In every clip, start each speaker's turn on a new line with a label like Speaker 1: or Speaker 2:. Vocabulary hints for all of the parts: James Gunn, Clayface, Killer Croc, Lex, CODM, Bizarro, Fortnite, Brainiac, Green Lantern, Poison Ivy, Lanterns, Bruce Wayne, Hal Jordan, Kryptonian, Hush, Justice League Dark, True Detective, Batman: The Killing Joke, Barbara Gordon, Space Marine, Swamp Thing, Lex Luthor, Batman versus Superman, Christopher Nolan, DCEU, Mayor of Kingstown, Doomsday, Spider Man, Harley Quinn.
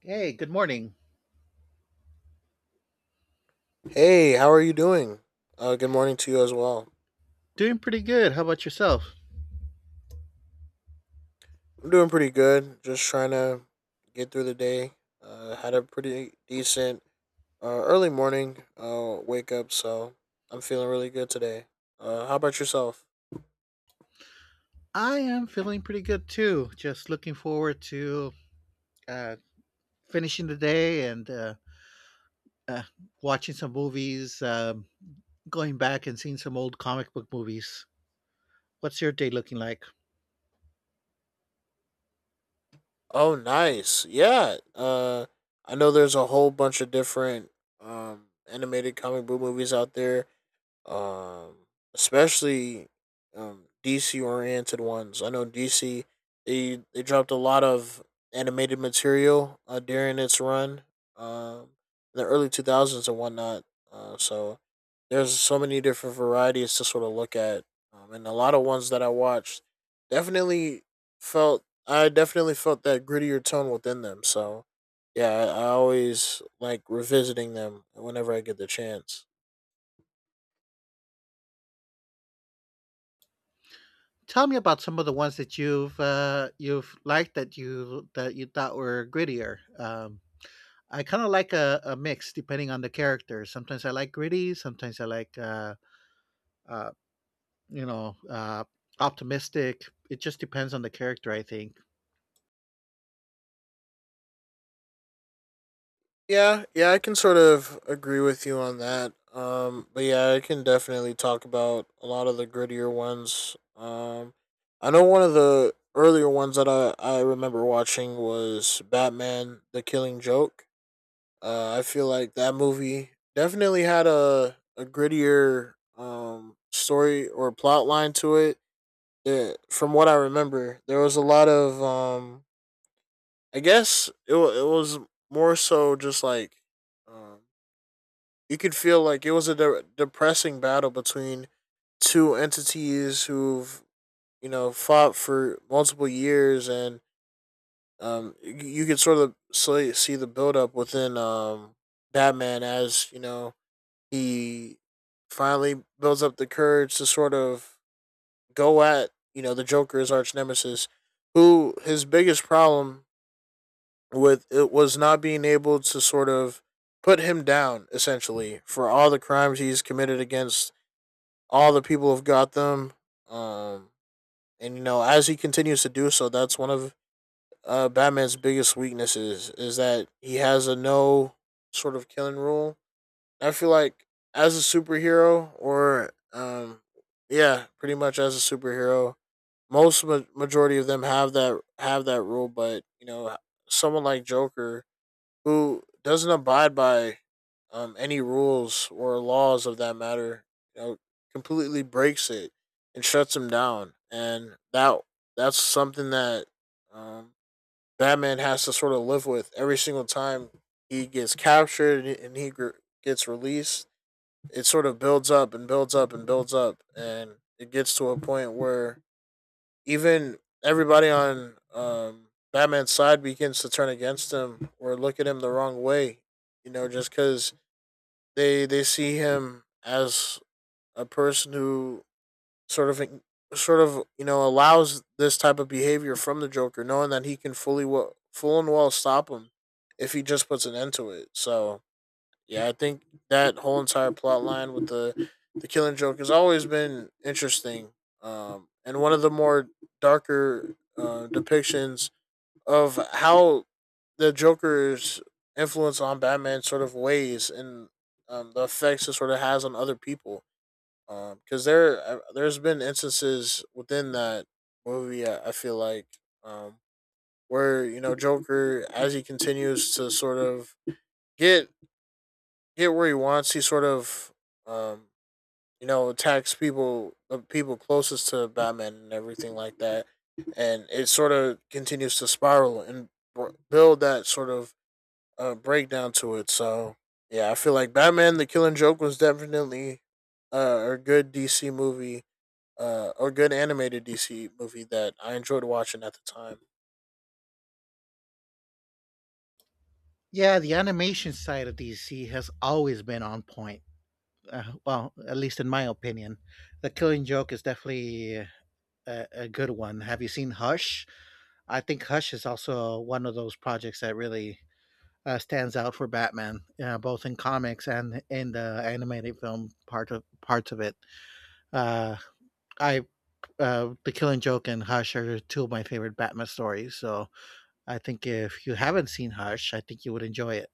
Speaker 1: Hey, good morning.
Speaker 2: Hey, how are you doing? Good morning to you as well.
Speaker 1: Doing pretty good. How about yourself?
Speaker 2: I'm doing pretty good. Just trying to get through the day. Had a pretty decent early morning wake up, so I'm feeling really good today. How about yourself?
Speaker 1: I am feeling pretty good too. Just looking forward to uh, finishing the day and uh, watching some movies, going back and seeing some old comic book movies. What's your day looking like?
Speaker 2: Oh, nice. Yeah. I know there's a whole bunch of different animated comic book movies out there, um, especially, DC oriented ones. I know DC, they dropped a lot of animated material during its run, um, in the early two thousands and whatnot. So there's so many different varieties to sort of look at, and a lot of ones that I watched definitely felt I definitely felt that grittier tone within them. So yeah, I always like revisiting them whenever I get the chance.
Speaker 1: Tell me about some of the ones that you've liked that you thought were grittier. I kind of like a mix depending on the character. Sometimes I like gritty. Sometimes I like uh, you know, uh, optimistic. It just depends on the character, I think.
Speaker 2: Yeah, yeah, I can sort of agree with you on that. But yeah, I can definitely talk about a lot of the grittier ones. I know one of the earlier ones that I remember watching was Batman: The Killing Joke. I feel like that movie definitely had a grittier story or plot line to it. That, from what I remember, there was a lot of I guess it was more so just Um, you could feel like it was a depressing battle between two entities who've you know fought for multiple years, and um, you, could sort of see the buildup within, Batman, as you know he finally builds up the courage to sort of go at you know the Joker's arch nemesis, who his biggest problem with it was not being able to sort of put him down essentially for all the crimes he's committed against all the people have got them. Um, and you know, as he continues to do so, that's one of Batman's biggest weaknesses is that he has a no sort of killing rule. I feel like as a superhero, or yeah, pretty much as a superhero, most majority of them have that rule. But you know, someone like Joker, who doesn't abide by, any rules or laws of that matter, you know, completely breaks it and shuts him down. And that's something that, um, Batman has to sort of live with every single time he gets captured and he gets released. It sort of builds up and builds up and builds up, and it gets to a point where even everybody on, Batman's side begins to turn against him or look at him the wrong way. You know, just because they see him as a person who sort of sort of you know allows this type of behavior from the Joker, knowing that he can fully well, full and well stop him if he just puts an end to it. So yeah, I think that whole entire plot line with the Killing Joke has always been interesting, and one of the more darker depictions of how the Joker's influence on Batman sort of weighs and, the effects it sort of has on other people. Because there's been instances within that movie, I feel like, um, where you know Joker, as he continues to sort of get get where he wants. He sort of, um, you know, attacks people, the people closest to Batman and everything like that, and it sort of continues to spiral and build that sort of breakdown to it. So yeah, I feel like Batman: The Killing Joke was definitely a good DC movie, or good animated DC movie that I enjoyed watching at the time.
Speaker 1: Yeah, the animation side of DC has always been on point. Well, at least in my opinion, the Killing Joke is definitely a good one. Have you seen Hush? I think Hush is also one of those projects that really stands out for Batman, both in comics and in the animated film parts of it. Uh, I The Killing Joke and Hush are two of my favorite Batman stories. So I think if you haven't seen Hush, I think you would enjoy it.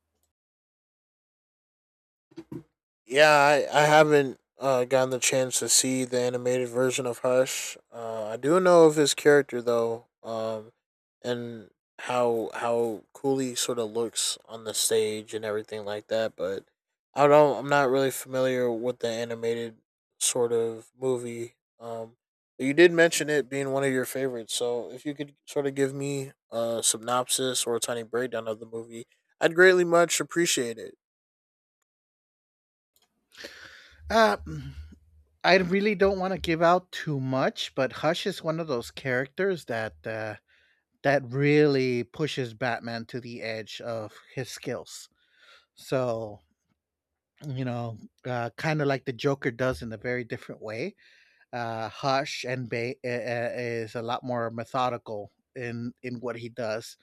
Speaker 2: Yeah, I haven't gotten the chance to see the animated version of Hush. I do know of his character though, and how cool he sort of looks on the stage and everything like that. But I don't. I'm not really familiar with the animated sort of movie. Um, but you did mention it being one of your favorites. So if you could sort of give me a synopsis or a tiny breakdown of the movie, I'd greatly much appreciate it.
Speaker 1: Uh, I really don't want to give out too much, but Hush is one of those characters that that really pushes Batman to the edge of his skills. So you know, kind of like the Joker does in a very different way. Hush and Bay is a lot more methodical in what he does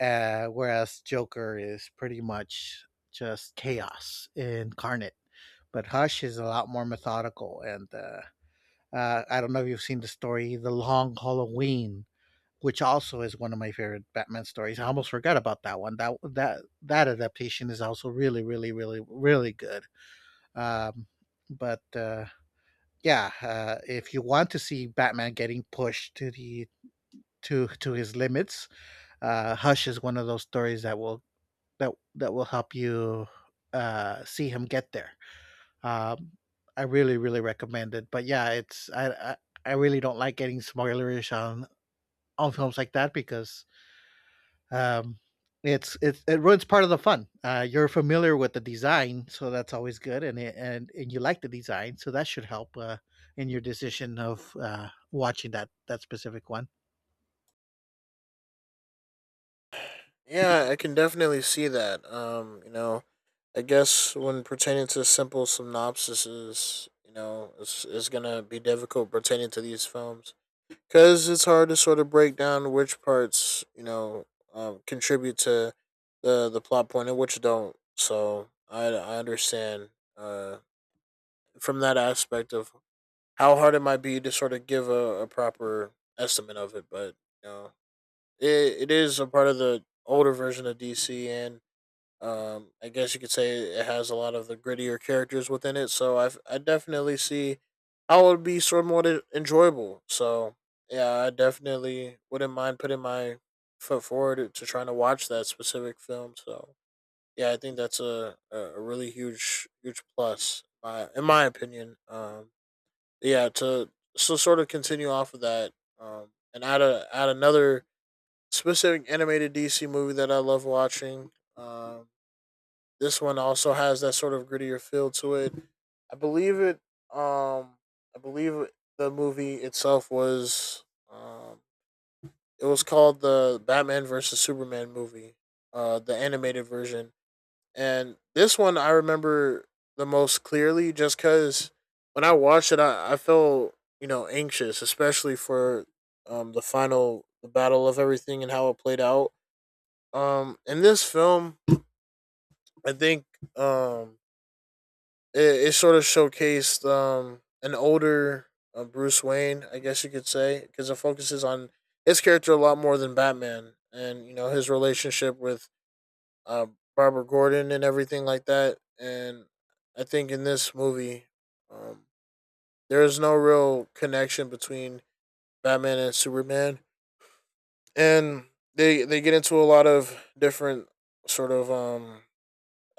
Speaker 1: whereas Joker is pretty much just chaos incarnate. But Hush is a lot more methodical, and I don't know if you've seen the story, The Long Halloween, which also is one of my favorite Batman stories. I almost forgot about that one. That adaptation is also really, really, really, really good. Um, but Yeah, if you want to see Batman getting pushed to the to his limits, Hush is one of those stories that will that that will help you see him get there. Um, I really really recommend it. But yeah, I really don't like getting spoilerish on films like that because um, it it ruins part of the fun. You're familiar with the design, so that's always good, and and you like the design, so that should help in your decision of watching that specific one.
Speaker 2: Yeah, I can definitely see that. You know, I guess when pertaining to simple synopsises, you know, it's gonna be difficult pertaining to these films because it's hard to sort of break down which parts you know, contribute to the plot point and which don't. So I understand uh, from that aspect of how hard it might be to sort of give a proper estimate of it, but you know, it is a part of the older version of DC and, I guess you could say it has a lot of the grittier characters within it, so I definitely see how it would be sort somewhat enjoyable. So yeah, I definitely wouldn't mind putting my foot forward to trying to watch that specific film. So yeah, I think that's a really huge plus, in my opinion. Yeah, to sort of continue off of that, and add another specific animated DC movie that I love watching. Um, this one also has that sort of grittier feel to it. I believe it. Um, I believe the movie itself was. Um, it was called the Batman versus Superman movie, the animated version. And this one I remember the most clearly, just because when I watched it, I felt you know anxious, especially for the final the battle of everything and how it played out. In this film, I think um it, it sort of showcased an older Bruce Wayne, I guess you could say, because it focuses on his character a lot more than Batman, and you know his relationship with, uh, Barbara Gordon and everything like that. And I think in this movie, um, there is no real connection between Batman and Superman, and they get into a lot of different sort of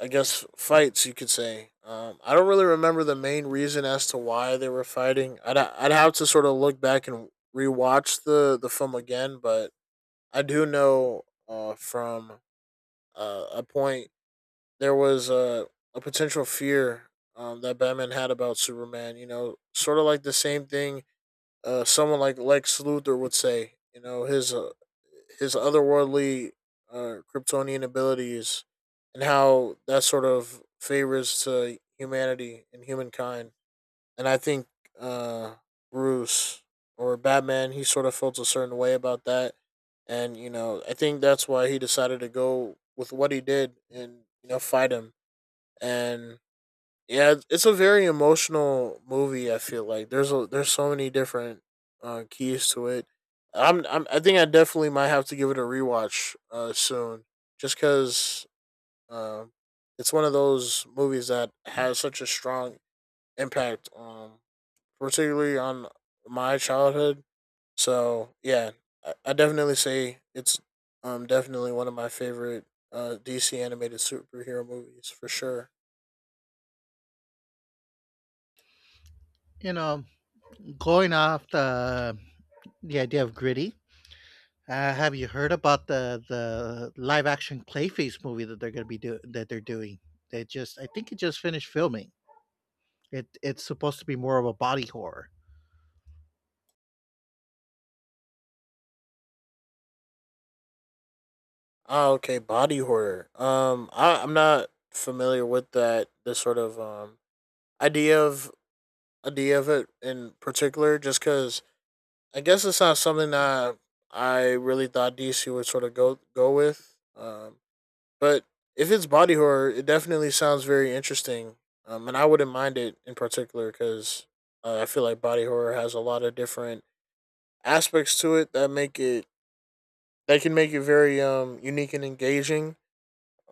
Speaker 2: I guess fights you could say. I don't really remember the main reason as to why they were fighting. I'd have to sort of look back and rewatch the film again, but I do know from a point there was a potential fear, that Batman had about Superman. You know, sort of like the same thing someone like Lex Luthor would say. You know, his otherworldly Kryptonian abilities and how that sort of favors to humanity and humankind. And I think uh, Bruce or Batman, he sort of felt a certain way about that. And, you know, I think that's why he decided to go with what he did and, you know, fight him. And yeah, it's a very emotional movie. I feel like there's so many different keys to it. I think I definitely might have to give it a rewatch soon, just because, um, it's one of those movies that has such a strong impact, particularly on my childhood. So yeah, I definitely say it's definitely one of my favorite DC animated superhero movies for sure.
Speaker 1: You know, going off the idea of gritty. Have you heard about the live action Clayface movie that they're going to be do- that they're doing? They just I think it just finished filming. It's supposed to be more of a body horror.
Speaker 2: Oh, okay, body horror. I I'm not familiar with that. This sort of idea of idea of it in particular, just because I guess it's not something that I really thought DC would sort of go with. But if it's body horror, it definitely sounds very interesting. And I wouldn't mind it in particular because I feel like body horror has a lot of different aspects to it that make it that can make it very unique and engaging.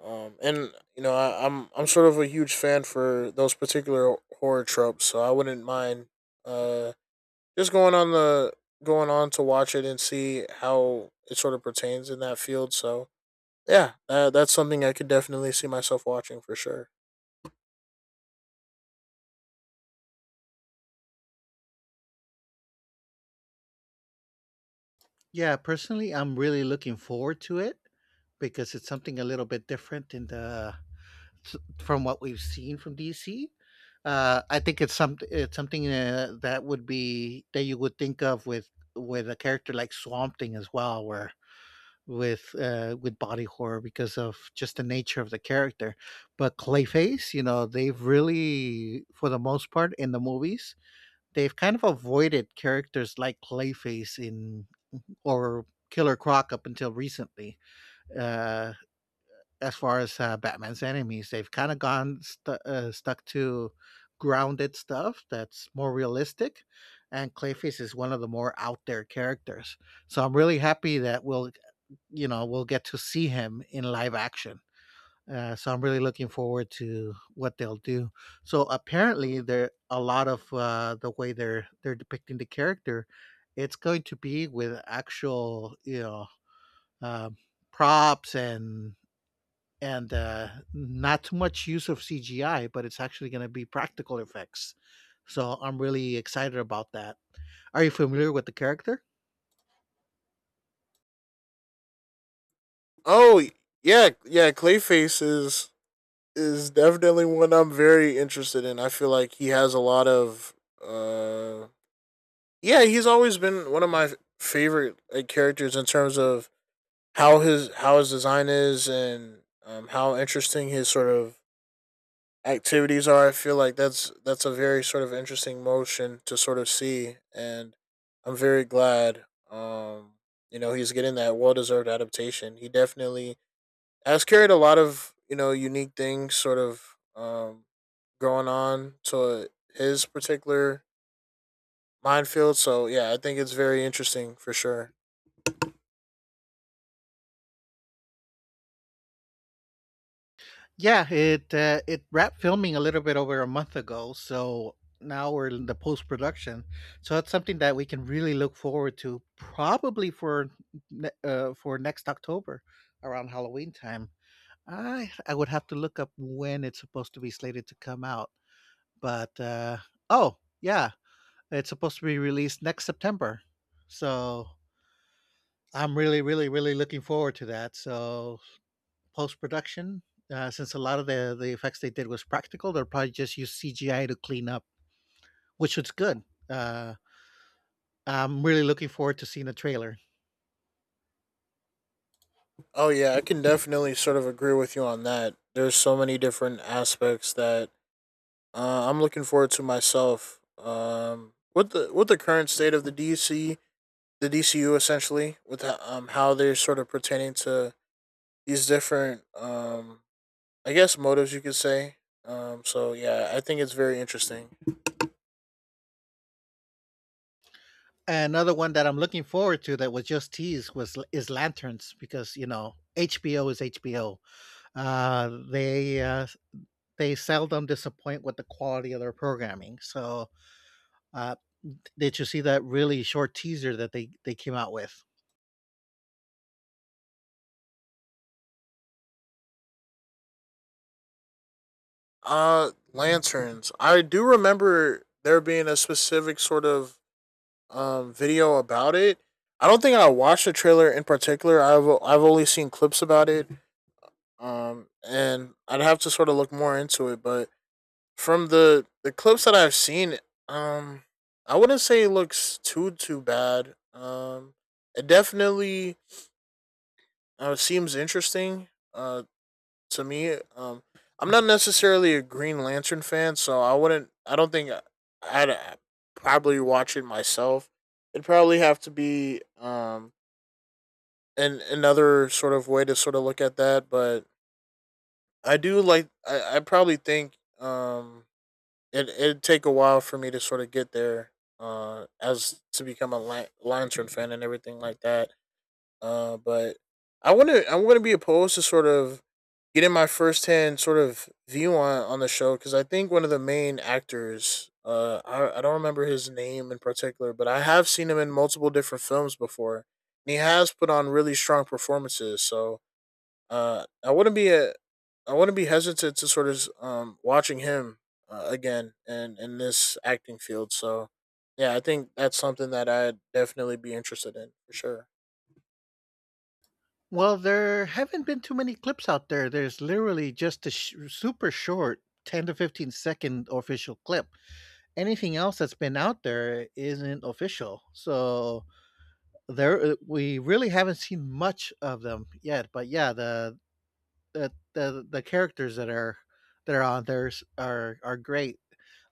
Speaker 2: And you know, I'm sort of a huge fan for those particular horror tropes, so I wouldn't mind uh just going on to watch it and see how it sort of pertains in that field. So yeah, that's something I could definitely see myself watching for sure.
Speaker 1: Yeah, personally, I'm really looking forward to it because it's something a little bit different in from what we've seen from DC. I think it's something that would be that you would think of with a character like Swamp Thing as well, where with body horror because of just the nature of the character. But Clayface, you know, they've really, for the most part, in the movies, they've kind of avoided characters like Clayface in or Killer Croc up until recently. Uh, as far as Batman's enemies, they've kind of gone stu stuck to grounded stuff that's more realistic, and Clayface is one of the more out there characters. So I'm really happy that we'll, you know, we'll get to see him in live action. So I'm really looking forward to what they'll do. So apparently, there a lot of the way they're depicting the character, it's going to be with actual, Um, props and not too much use of CGI, but it's actually going to be practical effects. So I'm really excited about that. Are you familiar with the character?
Speaker 2: Oh yeah, yeah, Clayface is definitely one I'm very interested in. I feel like he has a lot of uh yeah, he's always been one of my favorite like, characters in terms of how his design is and, how interesting his sort of activities are. I feel like that's a very sort of interesting motion to sort of see, and I'm very glad. You know, he's getting that well deserved adaptation. He definitely has carried a lot of you know unique things sort of, going on to his particular minefield. So yeah, I think it's very interesting for sure.
Speaker 1: Yeah, it wrapped filming a little bit over a month ago, so now we're in the post production. So that's something that we can really look forward to, probably for for next October, around Halloween time. I would have to look up when it's supposed to be slated to come out, but oh yeah, it's supposed to be released next September. So I'm really, really, really looking forward to that. So post production. Since a lot of the effects they did was practical, they'll probably just use CGI to clean up, which was good. Uh, I'm really looking forward to seeing the trailer.
Speaker 2: Oh yeah, I can definitely sort of agree with you on that. There's so many different aspects that I'm looking forward to myself. With the current state of the DC, the DCU essentially, with how they're sort of pertaining to these different I guess motives, you could say. So yeah, I think it's very interesting.
Speaker 1: Another one that I'm looking forward to that was just teased was is Lanterns because you know HBO is HBO. Uh, they uh, they seldom disappoint with the quality of their programming. So uh, did you see that really short teaser that they came out with?
Speaker 2: Lanterns. I do remember there being a specific sort of video about it. I don't think I watched the trailer in particular. I've only seen clips about it. And I'd have to sort of look more into it. But from the clips that I've seen, um, I wouldn't say it looks too bad. It definitely seems interesting. Uh, to me, I'm not necessarily a Green Lantern fan, so I wouldn't. I don't think I'd probably watch it myself. It'd probably have to be another sort of way to sort of look at that. But I do like. I probably think it'd take a while for me to sort of get there. As to become a Lantern fan and everything like that. But I want to. I'm going to be opposed to sort of getting my firsthand sort of view on the show, because I think one of the main actors. I don't remember his name in particular, but I have seen him in multiple different films before, and he has put on really strong performances. So I wouldn't I wouldn't be hesitant to sort of watching him again in this acting field. So, yeah, I think that's something that I'd definitely be interested in for sure.
Speaker 1: Well, there haven't been too many clips out there. There's literally just a super short 10 to 15 second official clip. Anything else that's been out there isn't official. So there we really haven't seen much of them yet, but yeah, the characters that are are great.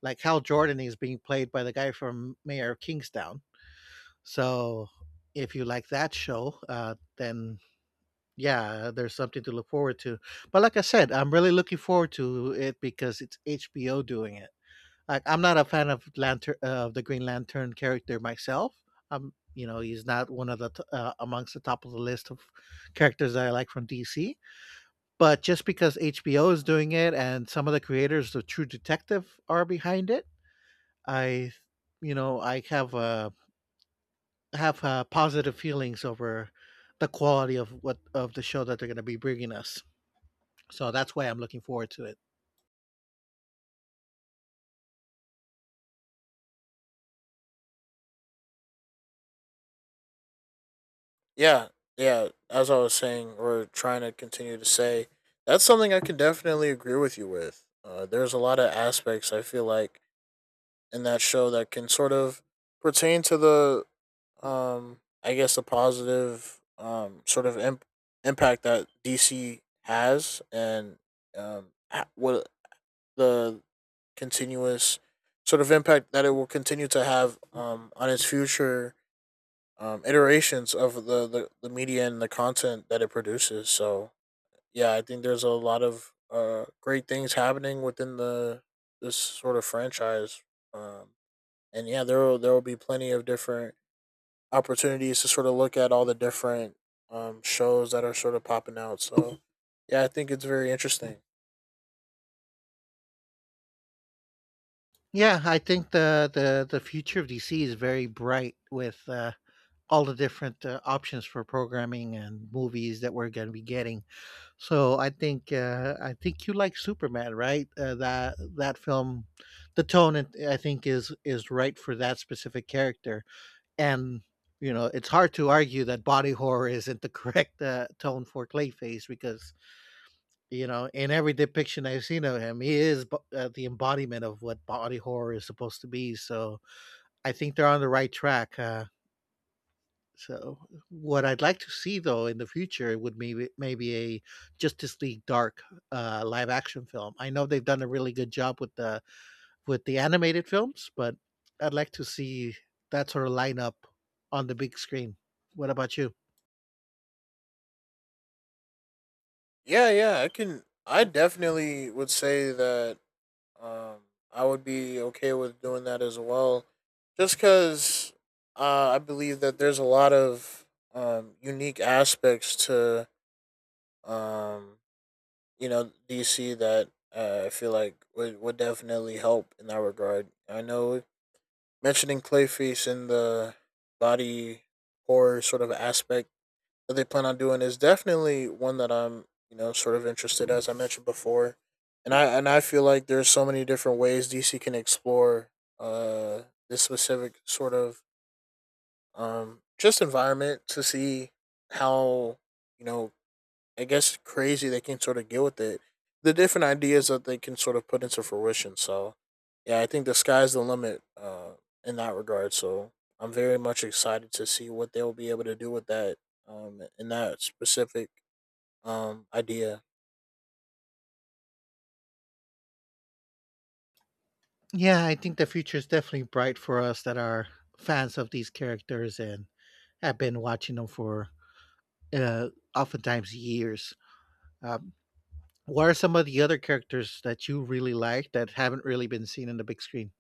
Speaker 1: Like Hal Jordan is being played by the guy from Mayor of Kingstown. So if you like that show, then yeah, there's something to look forward to. But like I said, I'm really looking forward to it because it's HBO doing it. Like I'm not a fan of Lantern of the Green Lantern character myself. I'm you know he's not one of amongst the top of the list of characters that I like from DC. But just because HBO is doing it and some of the creators of True Detective are behind it, I you know I have positive feelings over the quality of what of the show that they're going to be bringing us. So that's why I'm looking forward to it.
Speaker 2: Yeah, yeah. As I was saying or trying to continue to say, that's something I can definitely agree with you with. There's a lot of aspects I feel like in that show that can sort of pertain to the I guess the positive sort of impact that DC has and what the continuous sort of impact that it will continue to have on its future iterations of the media and the content that it produces. So yeah, I think there's a lot of great things happening within the this sort of franchise. Um and yeah, there will be plenty of different opportunities to sort of look at all the different shows that are sort of popping out. So, yeah, I think it's very interesting.
Speaker 1: Yeah, I think the future of DC is very bright with all the different options for programming and movies that we're going to be getting. So I think you like Superman, right? That film, the tone it, I think is right for that specific character, and you know it's hard to argue that body horror isn't the correct tone for Clayface because you know in every depiction I've seen of him, he is the embodiment of what body horror is supposed to be. So I think they're on the right track. So, what I'd like to see though in the future would maybe a Justice League Dark live action film. I know they've done a really good job with the animated films, but I'd like to see that sort of lineup on the big screen. What about you?
Speaker 2: Yeah, yeah, I can. I definitely would say that um, I would be okay with doing that as well, just because I believe that there's a lot of unique aspects to um, you know, DC that I feel like would definitely help in that regard. I know mentioning Clayface and the body horror sort of aspect that they plan on doing is definitely one that I'm, you know, sort of interested as I mentioned before. And I feel like there's so many different ways DC can explore uh this specific sort of just environment to see how, you know, I guess crazy they can sort of get with it. The different ideas that they can sort of put into fruition. So yeah, I think the sky's the limit in that regard. So I'm very much excited to see what they'll be able to do with that in that specific idea.
Speaker 1: Yeah, I think the future is definitely bright for us that are fans of these characters and have been watching them for uh, oftentimes years. Uh, What are some of the other characters that you really like that haven't really been seen in the big screen?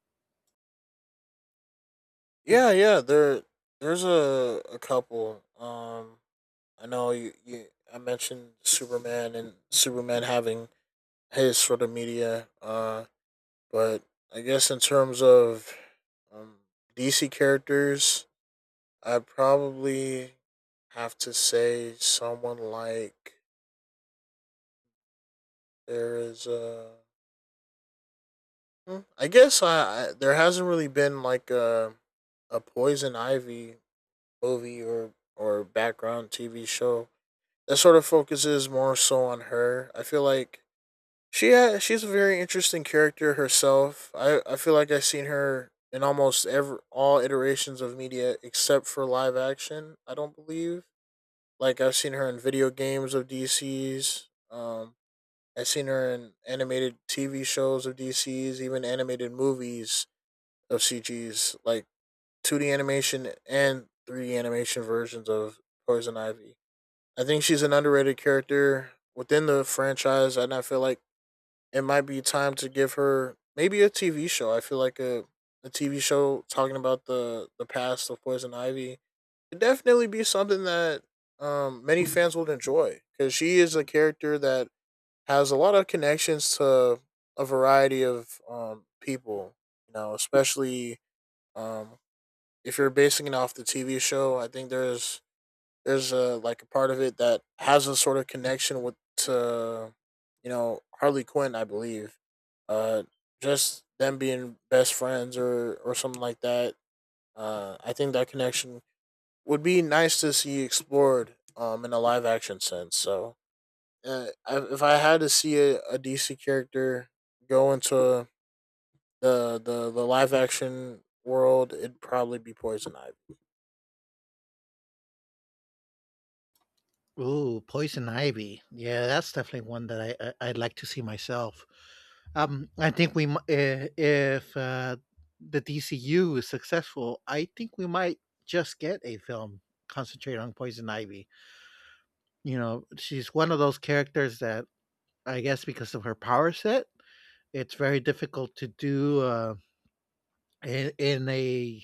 Speaker 2: Yeah, yeah. There, there's a couple. I know you. I mentioned Superman and Superman having his sort of media But I guess in terms of um, DC characters, I'd probably have to say someone like there is a. I guess I there hasn't really been like a Poison Ivy movie or background TV show that sort of focuses more so on her. I feel like she she's a very interesting character herself. I feel like I've seen her in almost every all iterations of media except for live action. I don't believe. Like I've seen her in video games of DC's. I've seen her in animated TV shows of DC's, even animated movies of CG's, like 2D animation and 3D animation versions of Poison Ivy. I think she's an underrated character within the franchise, and I feel like it might be time to give her maybe a TV show. I feel like a TV show talking about the past of Poison Ivy could definitely be something that many fans would enjoy, because she is a character that has a lot of connections to a variety of people. You know, especially um if you're basing it off the TV show, I think there's a like a part of it that has a sort of connection with to you know Harley Quinn, I believe. Uh, just them being best friends or something like that. I think that connection would be nice to see explored in a live action sense. So if I had to see a DC character go into the live action world, it'd probably be Poison Ivy.
Speaker 1: Ooh, Poison Ivy. Yeah, that's definitely one that I I'd like to see myself. I think we mi- I- if the DCU is successful, I think we might just get a film concentrated on Poison Ivy. You know, she's one of those characters that I guess because of her power set, it's very difficult to do in, in a,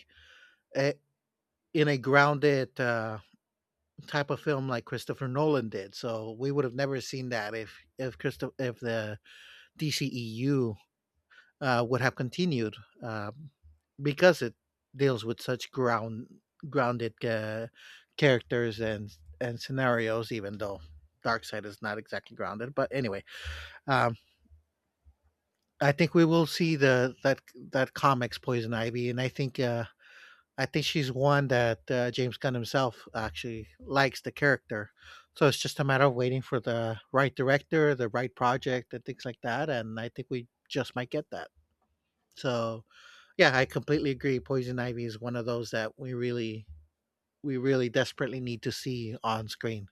Speaker 1: a in a grounded type of film like Christopher Nolan did. So we would have never seen that if if the DCEU would have continued uh, because it deals with such grounded characters and scenarios, even though dark side is not exactly grounded, but anyway, um I think we will see the that comics Poison Ivy, and I think she's one that James Gunn himself actually likes the character. So it's just a matter of waiting for the right director, the right project, and things like that. And I think we just might get that. So yeah, I completely agree. Poison Ivy is one of those that we really desperately need to see on screen.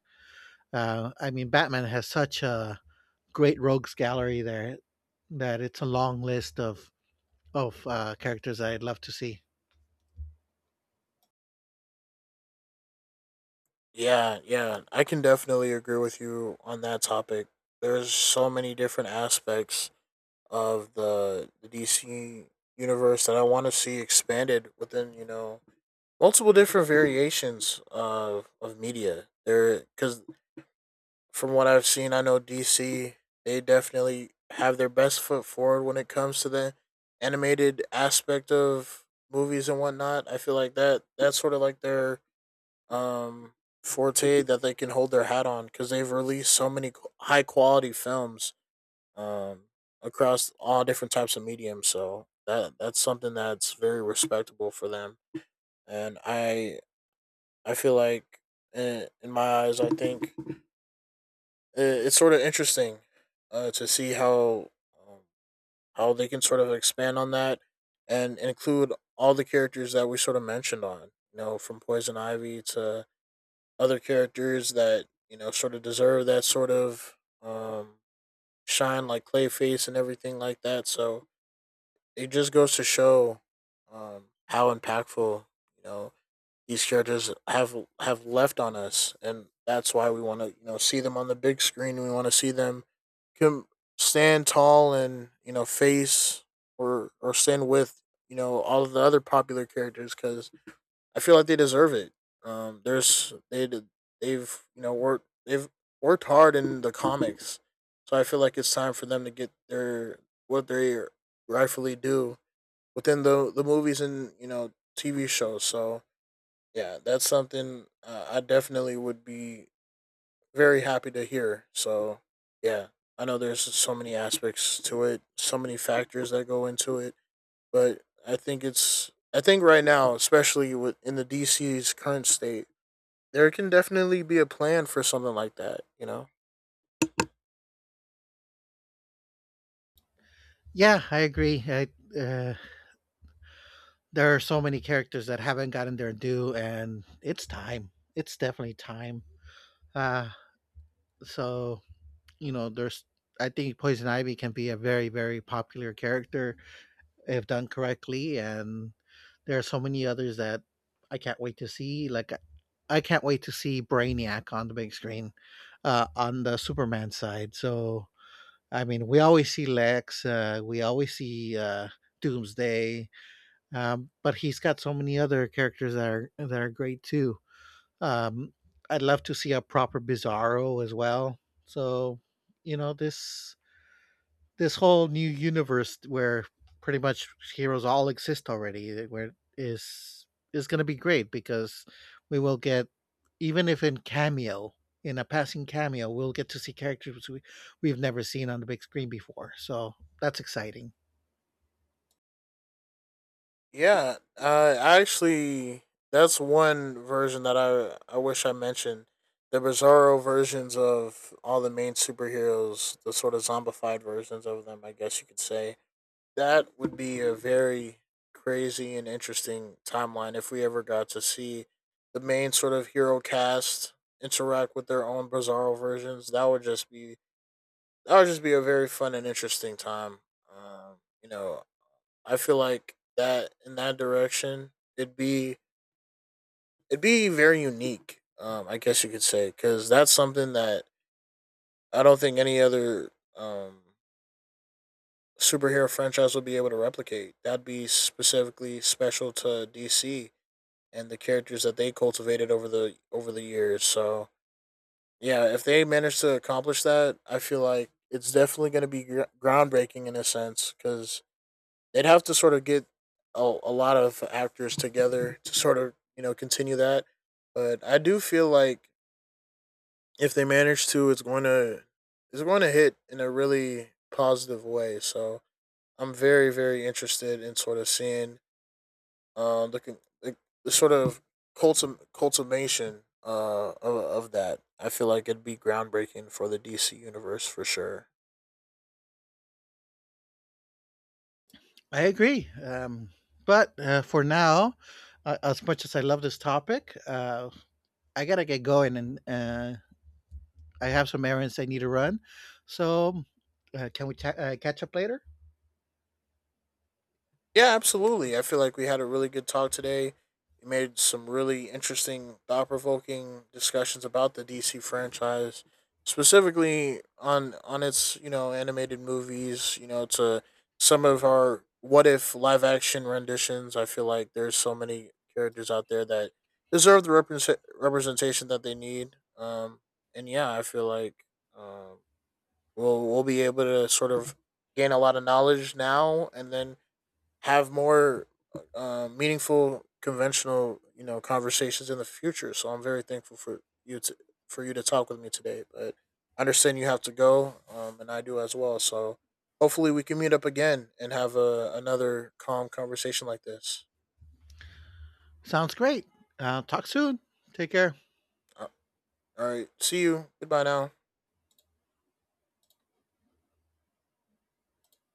Speaker 1: I mean, Batman has such a great rogues gallery there that it's a long list of characters I'd love to see.
Speaker 2: Yeah, yeah, I can definitely agree with you on that topic. There's so many different aspects of the DC universe that I want to see expanded within, you know, multiple different variations of media. There, because from what I've seen, I know DC they definitely have their best foot forward when it comes to the animated aspect of movies and whatnot. I feel like that's sort of like their um, forte that they can hold their hat on because they've released so many high quality films um, across all different types of mediums. So that's something that's very respectable for them, and I feel like in my eyes, I think it's sort of interesting to see um, how they can sort of expand on that and include all the characters that we sort of mentioned on you know from Poison Ivy to other characters that you know sort of deserve that sort of um, shine, like Clayface and everything like that. So it just goes to show how impactful you know these characters have left on us, and that's why we want to you know see them on the big screen. We want to see them can stand tall and you know face or stand with you know all of the other popular characters because I feel like they deserve it. There's they they've you know worked they've worked hard in the comics, so I feel like it's time for them to get their what they rightfully do within the movies and you know TV shows. So yeah, that's something I definitely would be very happy to hear. So yeah, I know there's so many aspects to it, so many factors that go into it. But I think it's I think right now, especially with in the DC's current state, there can definitely be a plan for something like that. You know?
Speaker 1: Yeah, I agree. Uh, there are so many characters that haven't gotten their due, and it's time. It's definitely time. Uh, so you know, there's. I think Poison Ivy can be a very, very popular character if done correctly. And there are so many others that I can't wait to see. Like, I can't wait to see Brainiac on the big screen, on the Superman side. So, I mean, we always see Lex, we always see Doomsday, but he's got so many other characters that are great too. Um, I'd love to see a proper Bizarro as well. So, you know, this whole new universe where pretty much heroes all exist already, eh, where is is going to be great because we will get, even if in cameo, in a passing cameo, we'll get to see characters we've never seen on the big screen before. So that's exciting.
Speaker 2: Yeah. That's one version that I wish I mentioned. The Bizarro versions of all the main superheroes, the sort of zombified versions of them, I guess you could say. That would be a very crazy and interesting timeline if we ever got to see the main sort of hero cast interact with their own Bizarro versions. That would just be a very fun and interesting time. You know, I feel like that in that direction, it'd be very unique. I guess you could say because that's something that I don't think any other um superhero franchise would be able to replicate. That'd be specifically special to DC and the characters that they cultivated over the years. So yeah, if they manage to accomplish that, I feel like it's definitely going to be groundbreaking in a sense, because they'd have to sort of get a lot of actors together to sort of you know continue that. But I do feel like if they manage to, it's going to hit in a really positive way. So I'm very interested in sort of seeing looking like the sort of cultivation of that. I feel like it'd be groundbreaking for the DC universe for sure.
Speaker 1: I agree. But For now, as much as I love this topic, I gotta get going, and I have some errands I need to run. So, can we catch up later?
Speaker 2: Yeah, absolutely. I feel like we had a really good talk today. We made some really interesting, thought provoking discussions about the DC franchise, specifically on its you know animated movies. You know, to some of our what if live action renditions. I feel like there's so many characters out there that deserve the representation that they need. And yeah, I feel like um, we'll be able to sort of gain a lot of knowledge now, and then have more meaningful, conventional, you know, conversations in the future. So I'm very thankful for you to talk with me today. But I understand you have to go, and I do as well. So hopefully we can meet up again and have another calm conversation like this.
Speaker 1: Sounds great. Talk soon. Take care.
Speaker 2: Uh, All right, see you. Goodbye now.